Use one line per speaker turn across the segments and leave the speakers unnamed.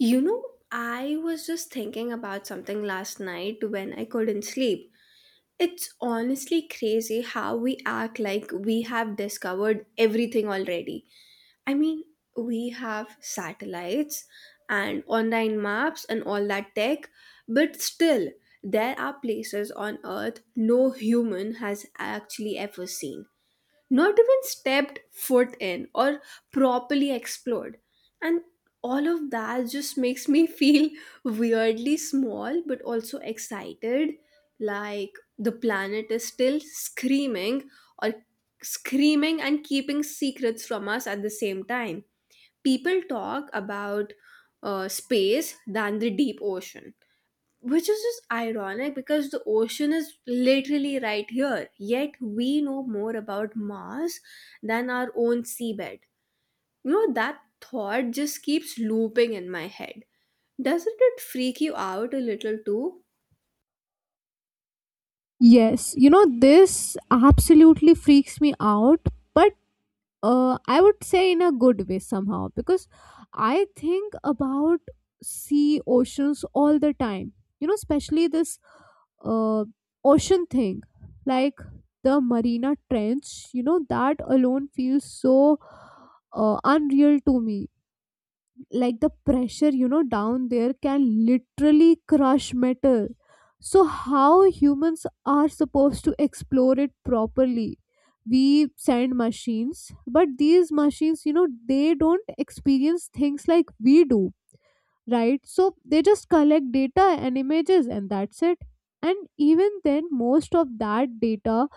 You know, I was just thinking about something last night when I couldn't sleep. It's honestly crazy how we act like we have discovered everything already. I mean, we have satellites and online maps and all that tech, but still, there are places on Earth no human has actually ever seen, not even stepped foot in or properly explored. And all of that just makes me feel weirdly small but also excited, like the planet is still screaming, or screaming and keeping secrets from us at the same time. People talk about space than the deep ocean, which is just ironic because the ocean is literally right here, yet we know more about Mars than our own seabed. You know, that thought just keeps looping in my head. Doesn't it freak you out a little too?
Yes, this absolutely freaks me out, but I would say in a good way somehow because I think about sea oceans all the time, especially this uh, ocean thing. Like the Marina Trench, that alone feels so unreal to me. Like the pressure down there can literally crush metal. So how humans are supposed to explore it properly? We send machines, but these machines they don't experience things like we do, right? So they just collect data and images, and that's it. And even then, most of that data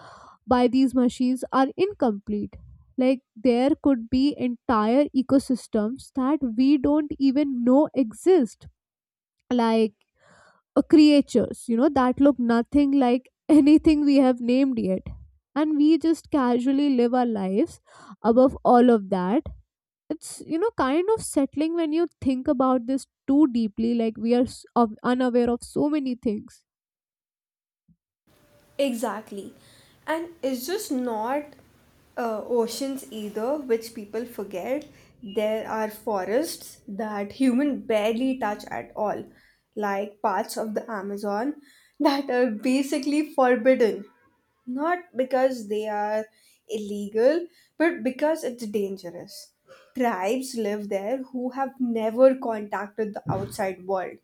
by these machines are incomplete. Like there could be entire ecosystems that we don't even know exist. Like creatures that look nothing like anything we have named yet. And we just casually live our lives above all of that. It's kind of settling when you think about this too deeply. Like we are unaware of so many things.
Exactly. And it's just not oceans either, which people forget. There are forests that human barely touch at all, like parts of the Amazon that are basically forbidden. Not because they are illegal, but because it's dangerous. Tribes live there who have never contacted the outside world.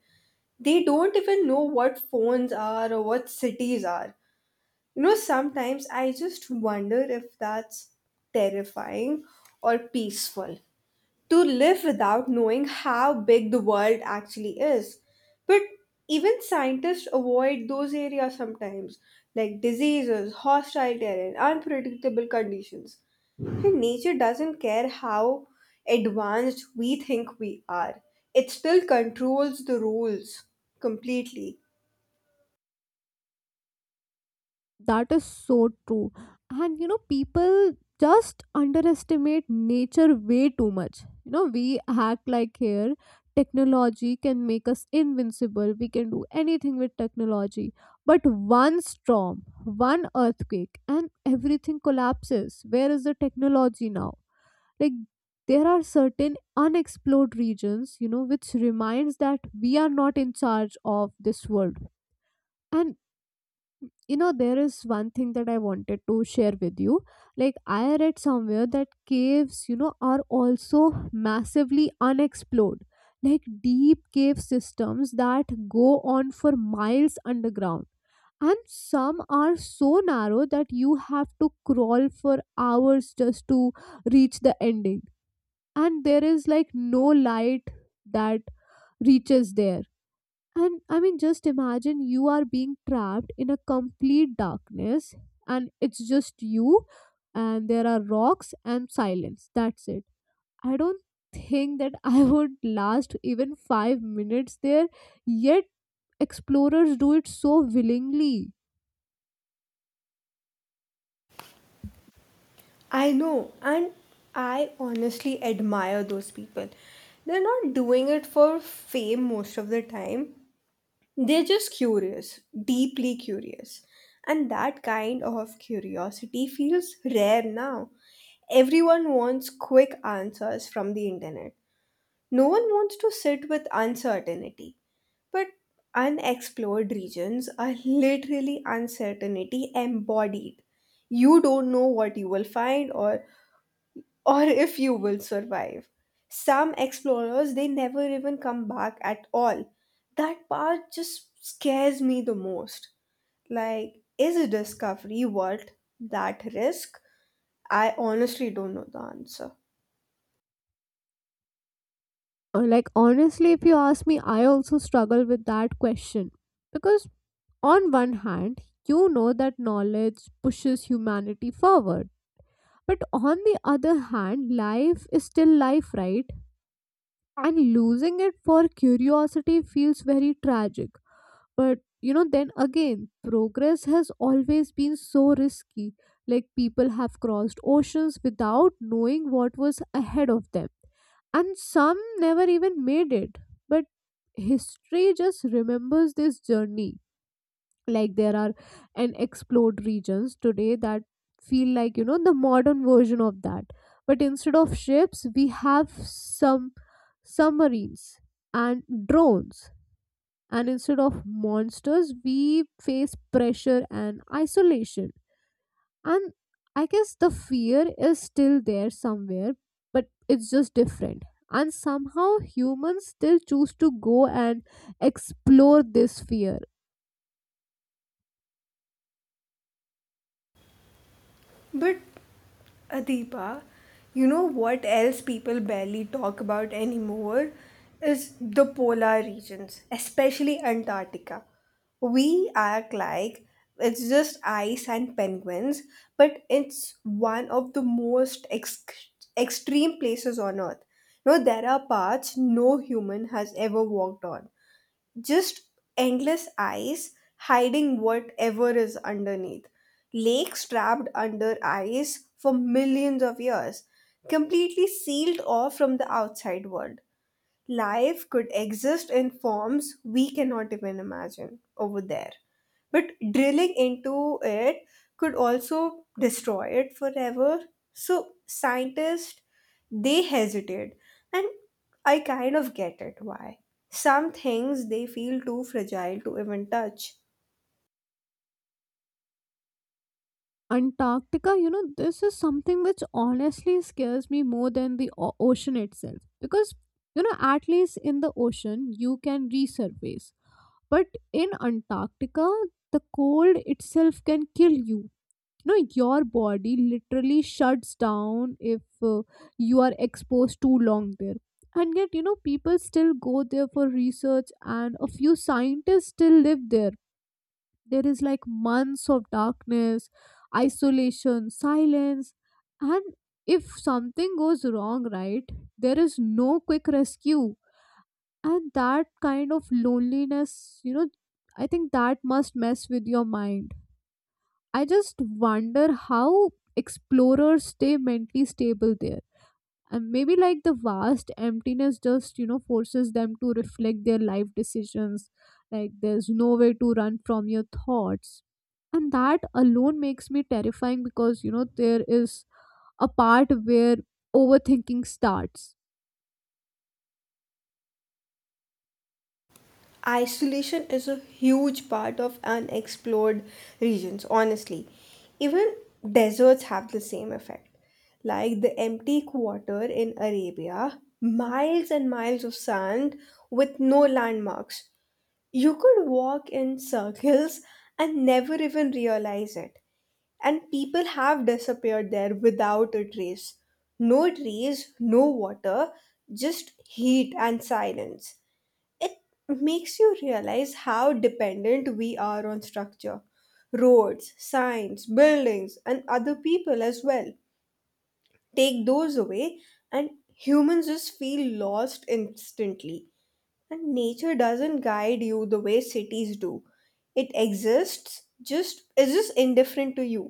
They don't even know what phones are or what cities are. You know, sometimes I just wonder if that's terrifying or peaceful, to live without knowing how big the world actually is. But even scientists avoid those areas sometimes, like diseases, hostile terrain, unpredictable conditions. And nature doesn't care how advanced we think we are, it still controls the rules completely.
That is so true. And people just underestimate nature way too much. We act like here technology can make us invincible. We can do anything with technology. But one storm, one earthquake, and everything collapses. Where is the technology now? Like, there are certain unexplored regions, which reminds that we are not in charge of this world. And there is one thing that I wanted to share with you. Like I read somewhere that caves are also massively unexplored. Like deep cave systems that go on for miles underground, and some are so narrow that you have to crawl for hours just to reach the ending. And there is like no light that reaches there. And I mean, just imagine you are being trapped in a complete darkness, and it's just you, and there are rocks and silence. That's it. I don't think that I would last even 5 minutes there, yet, explorers do it so willingly.
I know, and I honestly admire those people. They're not doing it for fame most of the time. They're just curious, deeply curious. And that kind of curiosity feels rare now. Everyone wants quick answers from the internet. No one wants to sit with uncertainty. But unexplored regions are literally uncertainty embodied. You don't know what you will find, or if you will survive. Some explorers, they never even come back at all. That part just scares me the most. Like, is a discovery worth that risk? I honestly don't know the answer.
Like, honestly, if you ask me, I also struggle with that question because, on one hand, you know that knowledge pushes humanity forward. But on the other hand, life is still life, right? And losing it for curiosity feels very tragic. But then again, progress has always been so risky. Like people have crossed oceans without knowing what was ahead of them. And some never even made it. But history just remembers this journey. Like there are and explored regions today that feel like the modern version of that, but instead of ships we have some submarines and drones, and instead of monsters we face pressure and isolation. And I guess the fear is still there somewhere, but it's just different, and somehow humans still choose to go and explore this fear.
But Adipa, you know what else people barely talk about anymore is the polar regions, especially Antarctica. We act like it's just ice and penguins, but it's one of the most extreme places on Earth. You know, there are paths no human has ever walked on, just endless ice hiding whatever is underneath. Lakes trapped under ice for millions of years, completely sealed off from the outside world. Life could exist in forms we cannot even imagine over there. But drilling into it could also destroy it forever. So scientists, they hesitate, and I kind of get it why. Some things they feel too fragile to even touch.
Antarctica, this is something which honestly scares me more than the ocean itself, because, at least in the ocean, you can resurface. But in Antarctica, the cold itself can kill you. Your body literally shuts down if you are exposed too long there. And yet, people still go there for research, and a few scientists still live there. There is like months of darkness, isolation, silence. And if something goes wrong, right, there is no quick rescue. And that kind of loneliness, you know I think that must mess with your mind. I just wonder how explorers stay mentally stable there. And maybe like the vast emptiness just forces them to reflect their life decisions. Like there's no way to run from your thoughts. And that alone makes me terrifying because there is a part where overthinking starts.
Isolation is a huge part of unexplored regions, honestly. Even deserts have the same effect, like the Empty Quarter in Arabia, miles and miles of sand with no landmarks. You could walk in circles and never even realize it, and people have disappeared there without a trace. No trees, no water, just heat and silence. It makes you realize how dependent we are on structure: roads, signs, buildings, and other people as well. Take those away, and humans just feel lost instantly. And nature doesn't guide you the way cities do. It exists, just is just indifferent to you.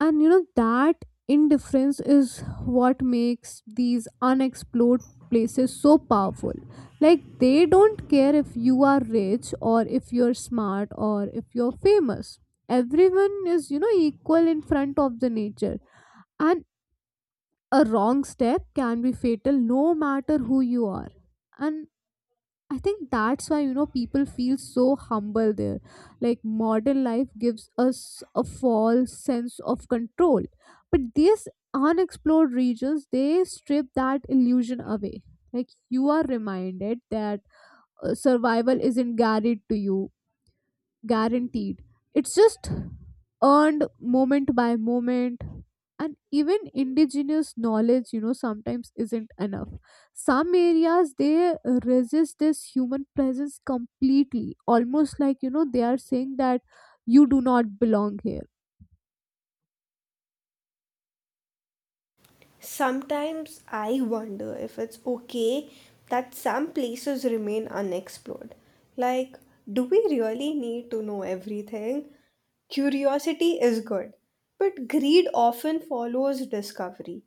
And that indifference is what makes these unexplored places so powerful. Like they don't care if you are rich or if you're smart or if you're famous. Everyone is equal in front of the nature. And a wrong step can be fatal no matter who you are. And I think that's why people feel so humble there. Like modern life gives us a false sense of control, but these unexplored regions they strip that illusion away. Like you are reminded that survival isn't guaranteed to you guaranteed. It's just earned moment by moment. And even indigenous knowledge, sometimes isn't enough. Some areas they resist this human presence completely, almost like they are saying that you do not belong here.
Sometimes I wonder if it's okay that some places remain unexplored. Like, do we really need to know everything? Curiosity is good, but greed often follows discovery.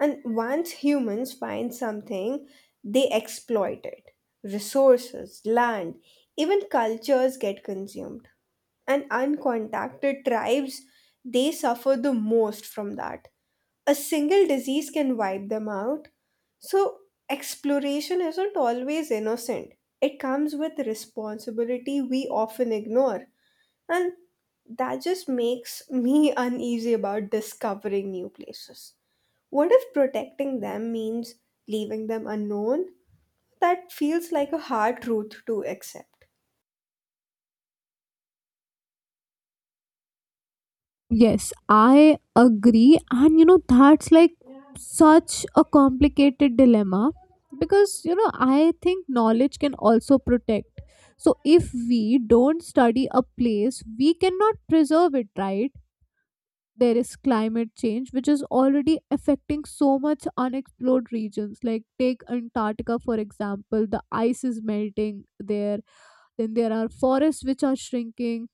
And once humans find something, they exploit it. Resources, land, even cultures get consumed. And uncontacted tribes, they suffer the most from that. A single disease can wipe them out. So, exploration isn't always innocent, it comes with responsibility we often ignore. And that just makes me uneasy about discovering new places. What if protecting them means leaving them unknown? That feels like a hard truth to accept.
Yes, I agree. And that's like such a complicated dilemma because I think knowledge can also protect. So, if we don't study a place, we cannot preserve it, right? There is climate change, which is already affecting so much unexplored regions. Like, take Antarctica, for example, the ice is melting there. Then there are forests which are shrinking,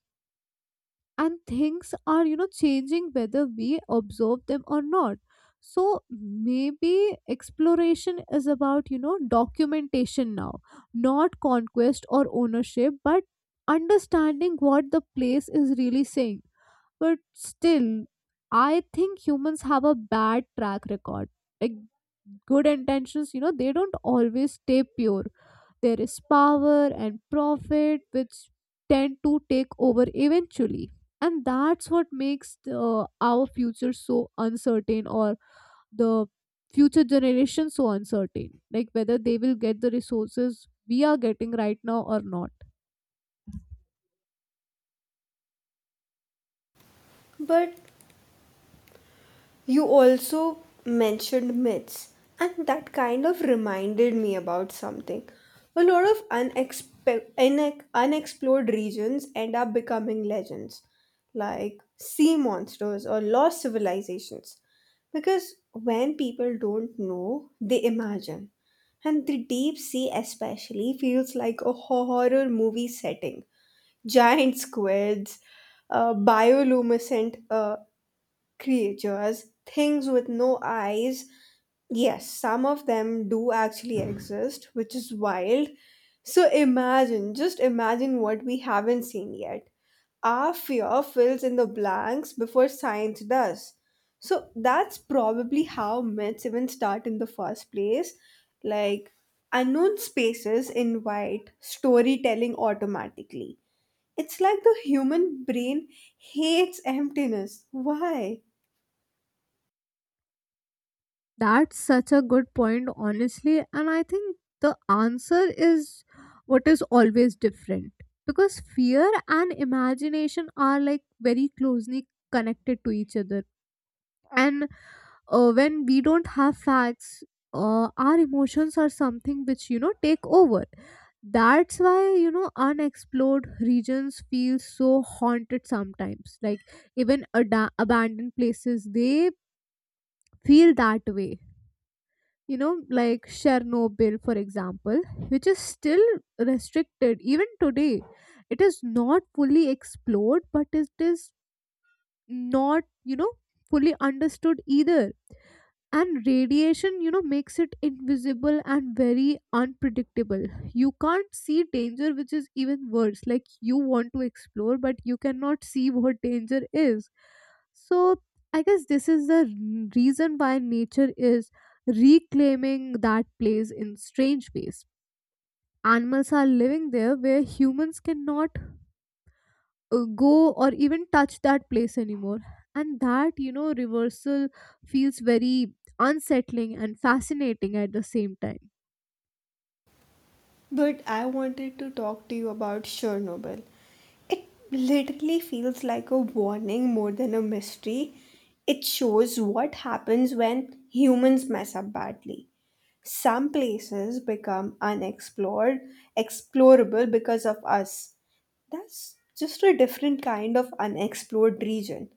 and things are changing whether we observe them or not. So maybe exploration is about documentation now, not conquest or ownership, but understanding what the place is really saying. But still, I think humans have a bad track record. Like good intentions, they don't always stay pure. There is power and profit which tend to take over eventually. And that's what makes our future so uncertain, or the future generation so uncertain. Like whether they will get the resources we are getting right now or not.
But you also mentioned myths, and that kind of reminded me about something. A lot of unexplored regions end up becoming legends, like sea monsters or lost civilizations. Because when people don't know, they imagine. And the deep sea, especially, feels like a horror movie setting. Giant squids, bioluminescent creatures, things with no eyes. Yes, some of them do actually exist, which is wild. So imagine, just imagine what we haven't seen yet. Our fear fills in the blanks before science does. So that's probably how myths even start in the first place. Like, unknown spaces invite storytelling automatically. It's like the human brain hates emptiness. Why?
That's such a good point, honestly. And I think the answer is what is always different. Because fear and imagination are like very closely connected to each other. And when we don't have facts, our emotions are something which, take over. That's why, unexplored regions feel so haunted sometimes. Like even abandoned places, they feel that way. You know like Chernobyl, for example, which is still restricted even today. It is not fully explored, but it is not fully understood either. And radiation makes it invisible and very unpredictable. You can't see danger which is even worse. Like you want to explore but you cannot see what danger is. So I guess this is the reason why nature is reclaiming that place in strange ways. Animals are living there where humans cannot go or even touch that place anymore. And that, reversal feels very unsettling and fascinating at the same time.
But I wanted to talk to you about Chernobyl. It literally feels like a warning more than a mystery. It shows what happens when humans mess up badly. Some places become explorable because of us. That's just a different kind of unexplored region,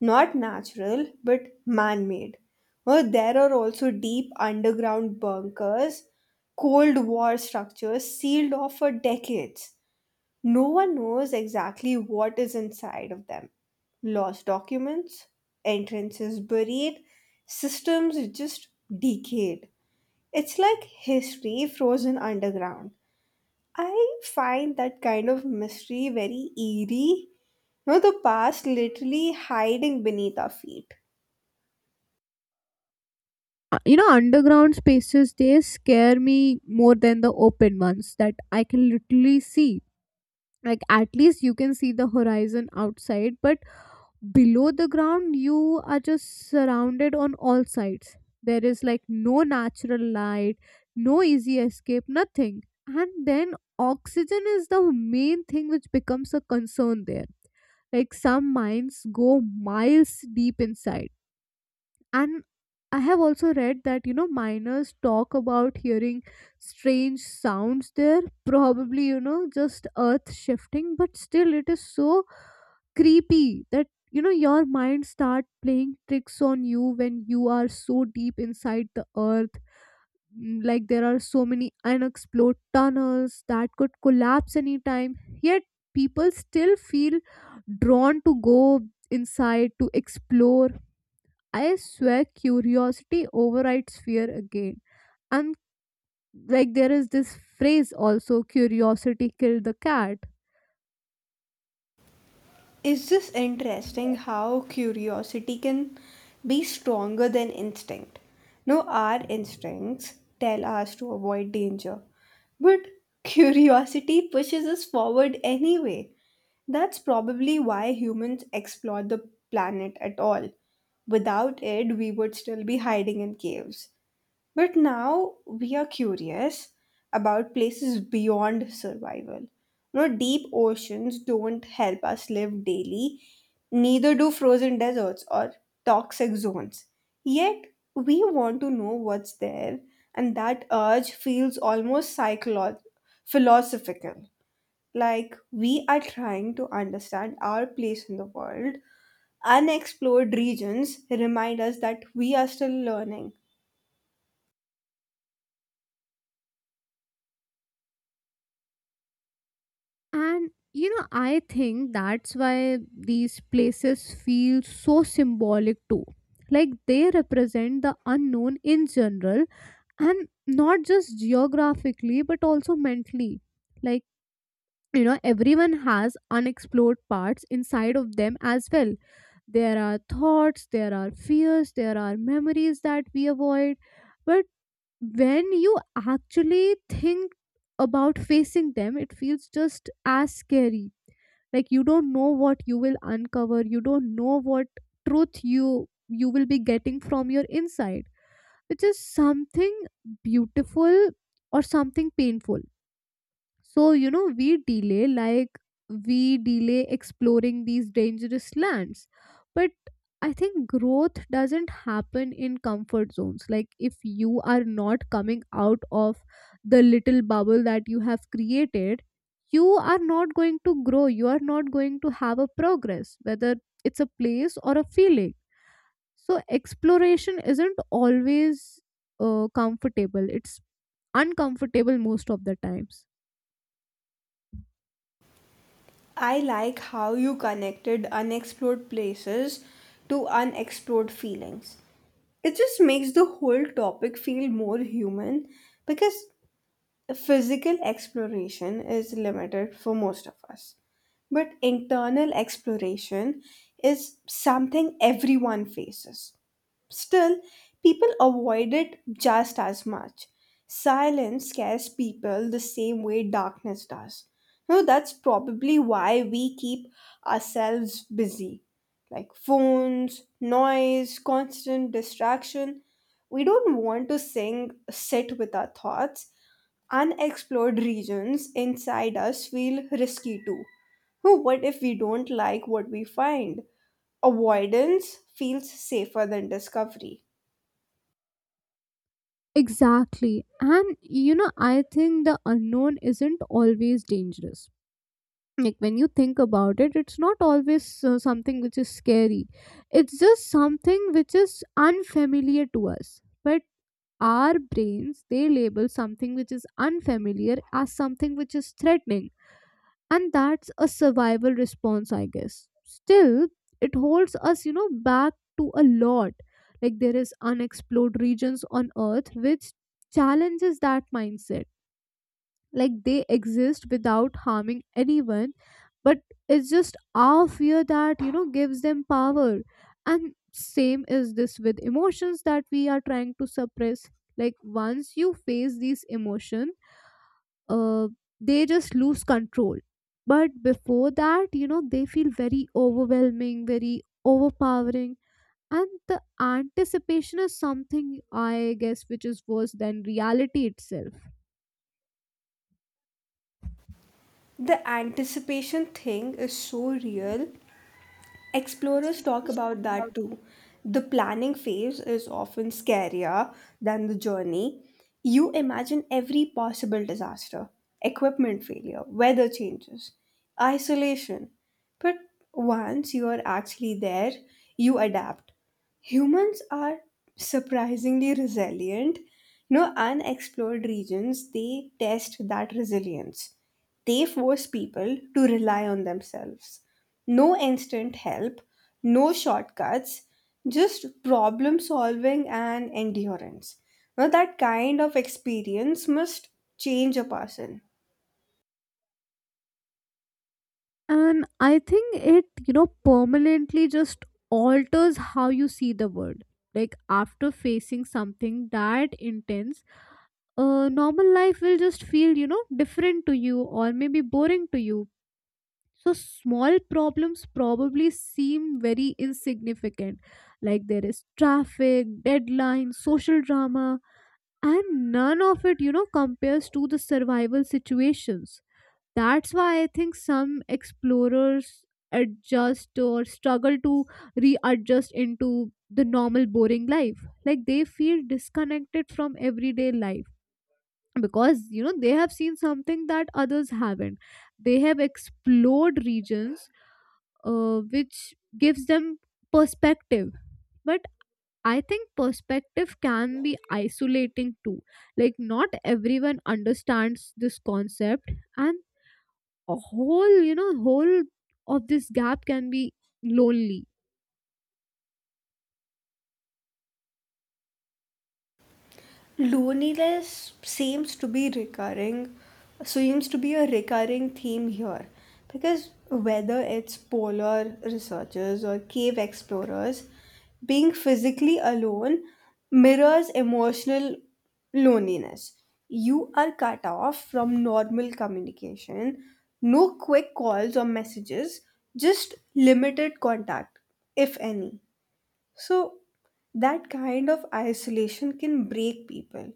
not natural but man made. Well, there are also deep underground bunkers, Cold War structures sealed off for decades. No one knows exactly what is inside of them. Lost documents, entrances buried, systems just decayed. It's like history frozen underground. I find that kind of mystery very eerie. You know, the past literally hiding beneath our feet.
Underground spaces, they scare me more than the open ones that I can literally see. Like, at least you can see the horizon outside, but below the ground you are just surrounded on all sides. There is like no natural light, no easy escape, nothing. And then oxygen is the main thing which becomes a concern there. Like some mines go miles deep inside. And I have also read that miners talk about hearing strange sounds there, probably just earth shifting. But still it is so creepy that your mind start playing tricks on you when you are so deep inside the earth. Like there are so many unexplored tunnels that could collapse anytime, yet people still feel drawn to go inside to explore. I swear curiosity overrides fear again. And like there is this phrase also, curiosity killed the cat.
Is this interesting how curiosity can be stronger than instinct? No, our instincts tell us to avoid danger, but curiosity pushes us forward anyway. That's probably why humans explore the planet at all. Without it, we would still be hiding in caves. But now we are curious about places beyond survival. You know, deep oceans don't help us live daily, neither do frozen deserts or toxic zones. Yet we want to know what's there, and that urge feels almost philosophical. Like we are trying to understand our place in the world. Unexplored regions remind us that we are still learning.
And I think that's why these places feel so symbolic too. Like they represent the unknown in general, and not just geographically but also mentally. Like, everyone has unexplored parts inside of them as well. There are thoughts, there are fears, there are memories that we avoid. But when you actually think about facing them, it feels just as scary. Like you don't know what you will uncover, you don't know what truth you will be getting from your inside, which is something beautiful or something painful. So, we delay, like, we delay exploring these dangerous lands. But I think growth doesn't happen in comfort zones. Like, if you are not coming out of the little bubble that you have created, you are not going to grow. You are not going to have a progress, whether it's a place or a feeling. So exploration isn't always comfortable, it's uncomfortable most of the times.
I like how you connected unexplored places to unexplored feelings. It just makes the whole topic feel more human because physical exploration is limited for most of us. But internal exploration is something everyone faces. Still, people avoid it just as much. Silence scares people the same way darkness does. No, that's probably why we keep ourselves busy. Like phones, noise, constant distraction. We don't want to sit with our thoughts. Unexplored regions inside us feel risky too. No, what if we don't like what we find? Avoidance feels safer than discovery.
Exactly. And I think the unknown isn't always dangerous. Like when you think about it, it's not always something which is scary. It's just something which is unfamiliar to us. But our brains, they label something which is unfamiliar as something which is threatening, and that's a survival response, I guess. Still, it holds us, you know, back to a lot. Like there is unexplored regions on earth which challenges that mindset. Like they exist without harming anyone, but it's just our fear that, you know, gives them power. And same is this with emotions that we are trying to suppress. Like once you face these emotion, uh, they just lose control. But before that, you know, they feel very overwhelming, very overpowering. And the anticipation is something, I guess, which is worse than reality itself.
The anticipation thing is so real. Explorers talk about that too. The planning phase is often scarier than the journey. You imagine every possible disaster: equipment failure, weather changes, isolation. But once you are actually there, you adapt. Humans are surprisingly resilient. You know, unexplored regions, they test that resilience. They force people to rely on themselves: no instant help, no shortcuts, just problem solving and endurance. Now, that kind of experience must change a person.
And I think it, you know, permanently just alters how you see the world. Like after facing something that intense, normal life will just feel, you know, different to you or maybe boring to you. So small problems probably seem very insignificant. Like there is traffic, deadlines, social drama, and none of it, you know, compares to the survival situations. That's why I think some explorers adjust or struggle to readjust into the normal boring life. Like they feel disconnected from everyday life because, you know, they have seen something that others haven't. They have explored regions, which gives them perspective. But I think perspective can be isolating too. Like, not everyone understands this concept, and a whole, whole of this gap can be lonely.
Loneliness seems to be recurring, so seems to be a recurring theme here, because whether it's polar researchers or cave explorers, being physically alone mirrors emotional loneliness. You are cut off from normal communication, no quick calls or messages, just limited contact, if any. So, that kind of isolation can break people,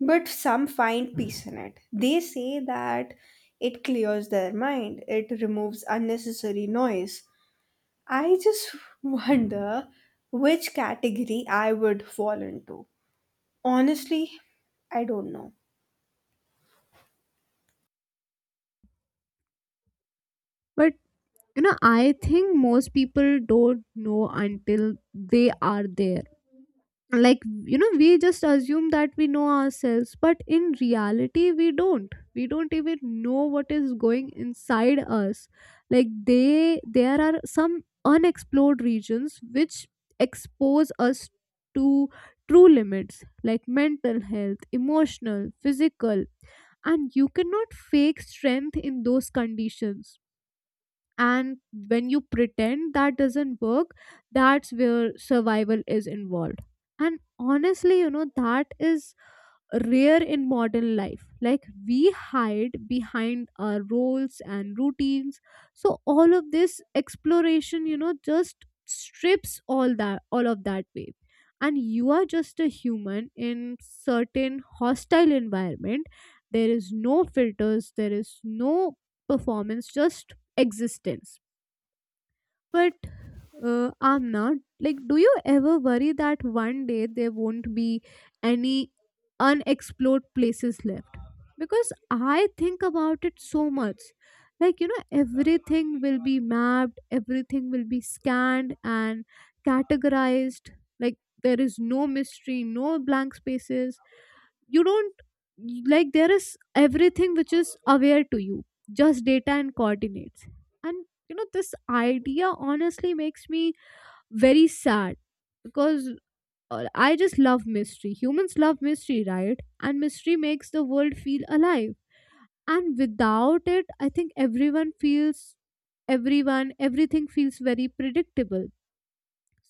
but some find peace in it. They say that it clears their mind, it removes unnecessary noise. I just wonder which category I would fall into. Honestly, I don't know.
But, you know, I think most people don't know until they are there. Like, you know, we just assume that we know ourselves, but in reality, we don't even know what is going inside us. Like they there are some unexplored regions which expose us to true limits, like mental health, emotional, physical. And you cannot fake strength in those conditions. And when you pretend, that doesn't work. That's where survival is involved. And honestly, you know, that is rare in modern life. Like we hide behind our roles and routines. So all of this exploration, you know, just strips all of that way. And you are just a human in certain hostile environment. There is no filters, there is no performance, just existence. But I'm not. Like, do you ever worry that one day there won't be any unexplored places left? Because I think about it so much. Like, you know, everything will be mapped, everything will be scanned and categorized. Like, there is no mystery, no blank spaces. You don't, like, there is everything which is aware to you, just data and coordinates. And, you know, this idea honestly makes me very sad. Because I just love mystery. Humans love mystery, right? And mystery makes the world feel alive. And without it, I think everyone everything feels very predictable.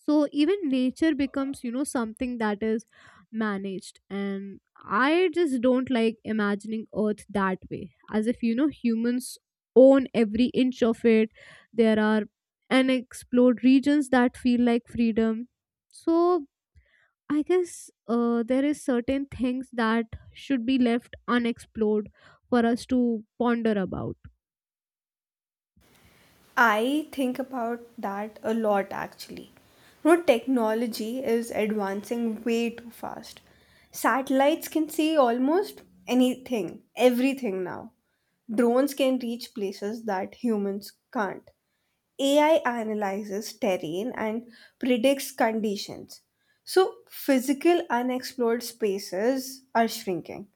So even nature becomes, you know, something that is managed. And I just don't like imagining earth that way, as if, you know, humans own every inch of it. There are unexplored regions that feel like freedom. So I guess, there is certain things that should be left unexplored for us to ponder about.
I think about that a lot actually. You know, technology is advancing way too fast. Satellites can see almost anything, everything now. Drones can reach places that humans can't. AI analyzes terrain and predicts conditions. So, physical unexplored spaces are shrinking.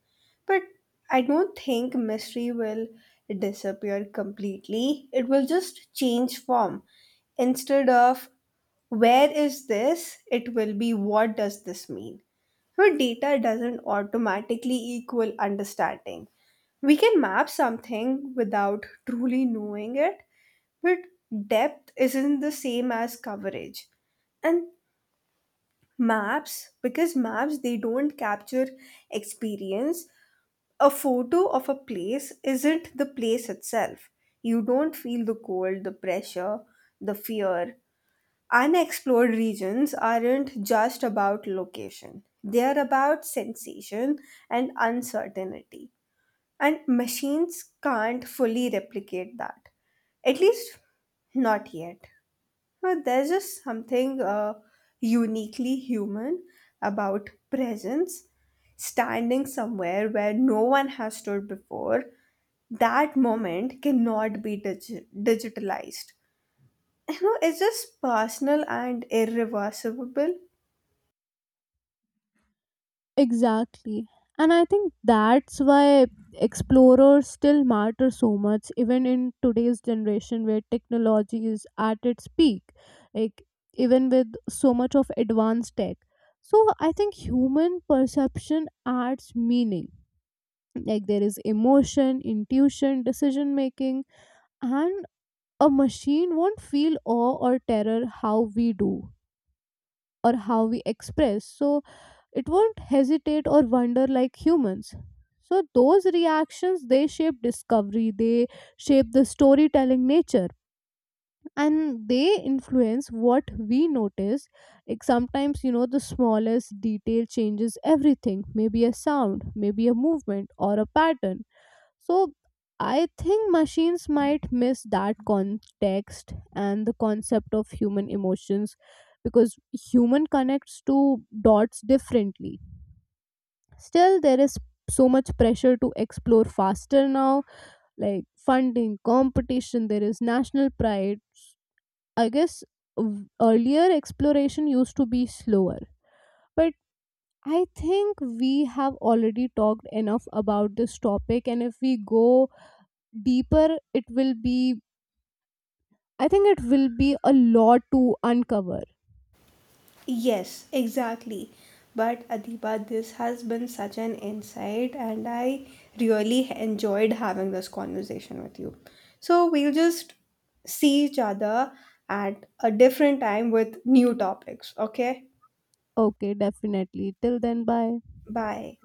But I don't think mystery will disappear completely. It will just change form. Instead of where is this, it will be what does this mean? So, data doesn't automatically equal understanding. We can map something without truly knowing it, but depth isn't the same as coverage. And maps, because maps they don't capture experience, a photo of a place isn't the place itself. You don't feel the cold, the pressure, the fear. Unexplored regions aren't just about location. They are about sensation and uncertainty. And machines can't fully replicate that. At least not yet. Now, there's just something uniquely human about presence, standing somewhere where no one has stood before. That moment cannot be digitalized. You know, it's just personal and irreversible.
Exactly. And I think that's why explorers still matter so much, even in today's generation where technology is at its peak. Like even with so much of advanced tech. So I think human perception adds meaning. Like there is emotion, intuition, decision making. And a machine won't feel awe or terror how we do or how we express. So it won't hesitate or wonder like humans. So those reactions, they shape discovery, they shape the storytelling nature, and they influence what we notice. Like sometimes, you know, the smallest detail changes everything. Maybe a sound, maybe a movement, or a pattern. So I think machines might miss that context and the concept of human emotions, because human connects to dots differently. Still, there is so much pressure to explore faster now, like funding, competition, there is national pride. I guess earlier exploration used to be slower. But I think we have already talked enough about this topic, and if we go deeper, it will be, I think it will be a lot to uncover.
Yes, exactly. But Adiba, this has been such an insight, and I really enjoyed having this conversation with you. So we'll just see each other at a different time with new topics, okay?
Okay, definitely. Till then, bye.
Bye.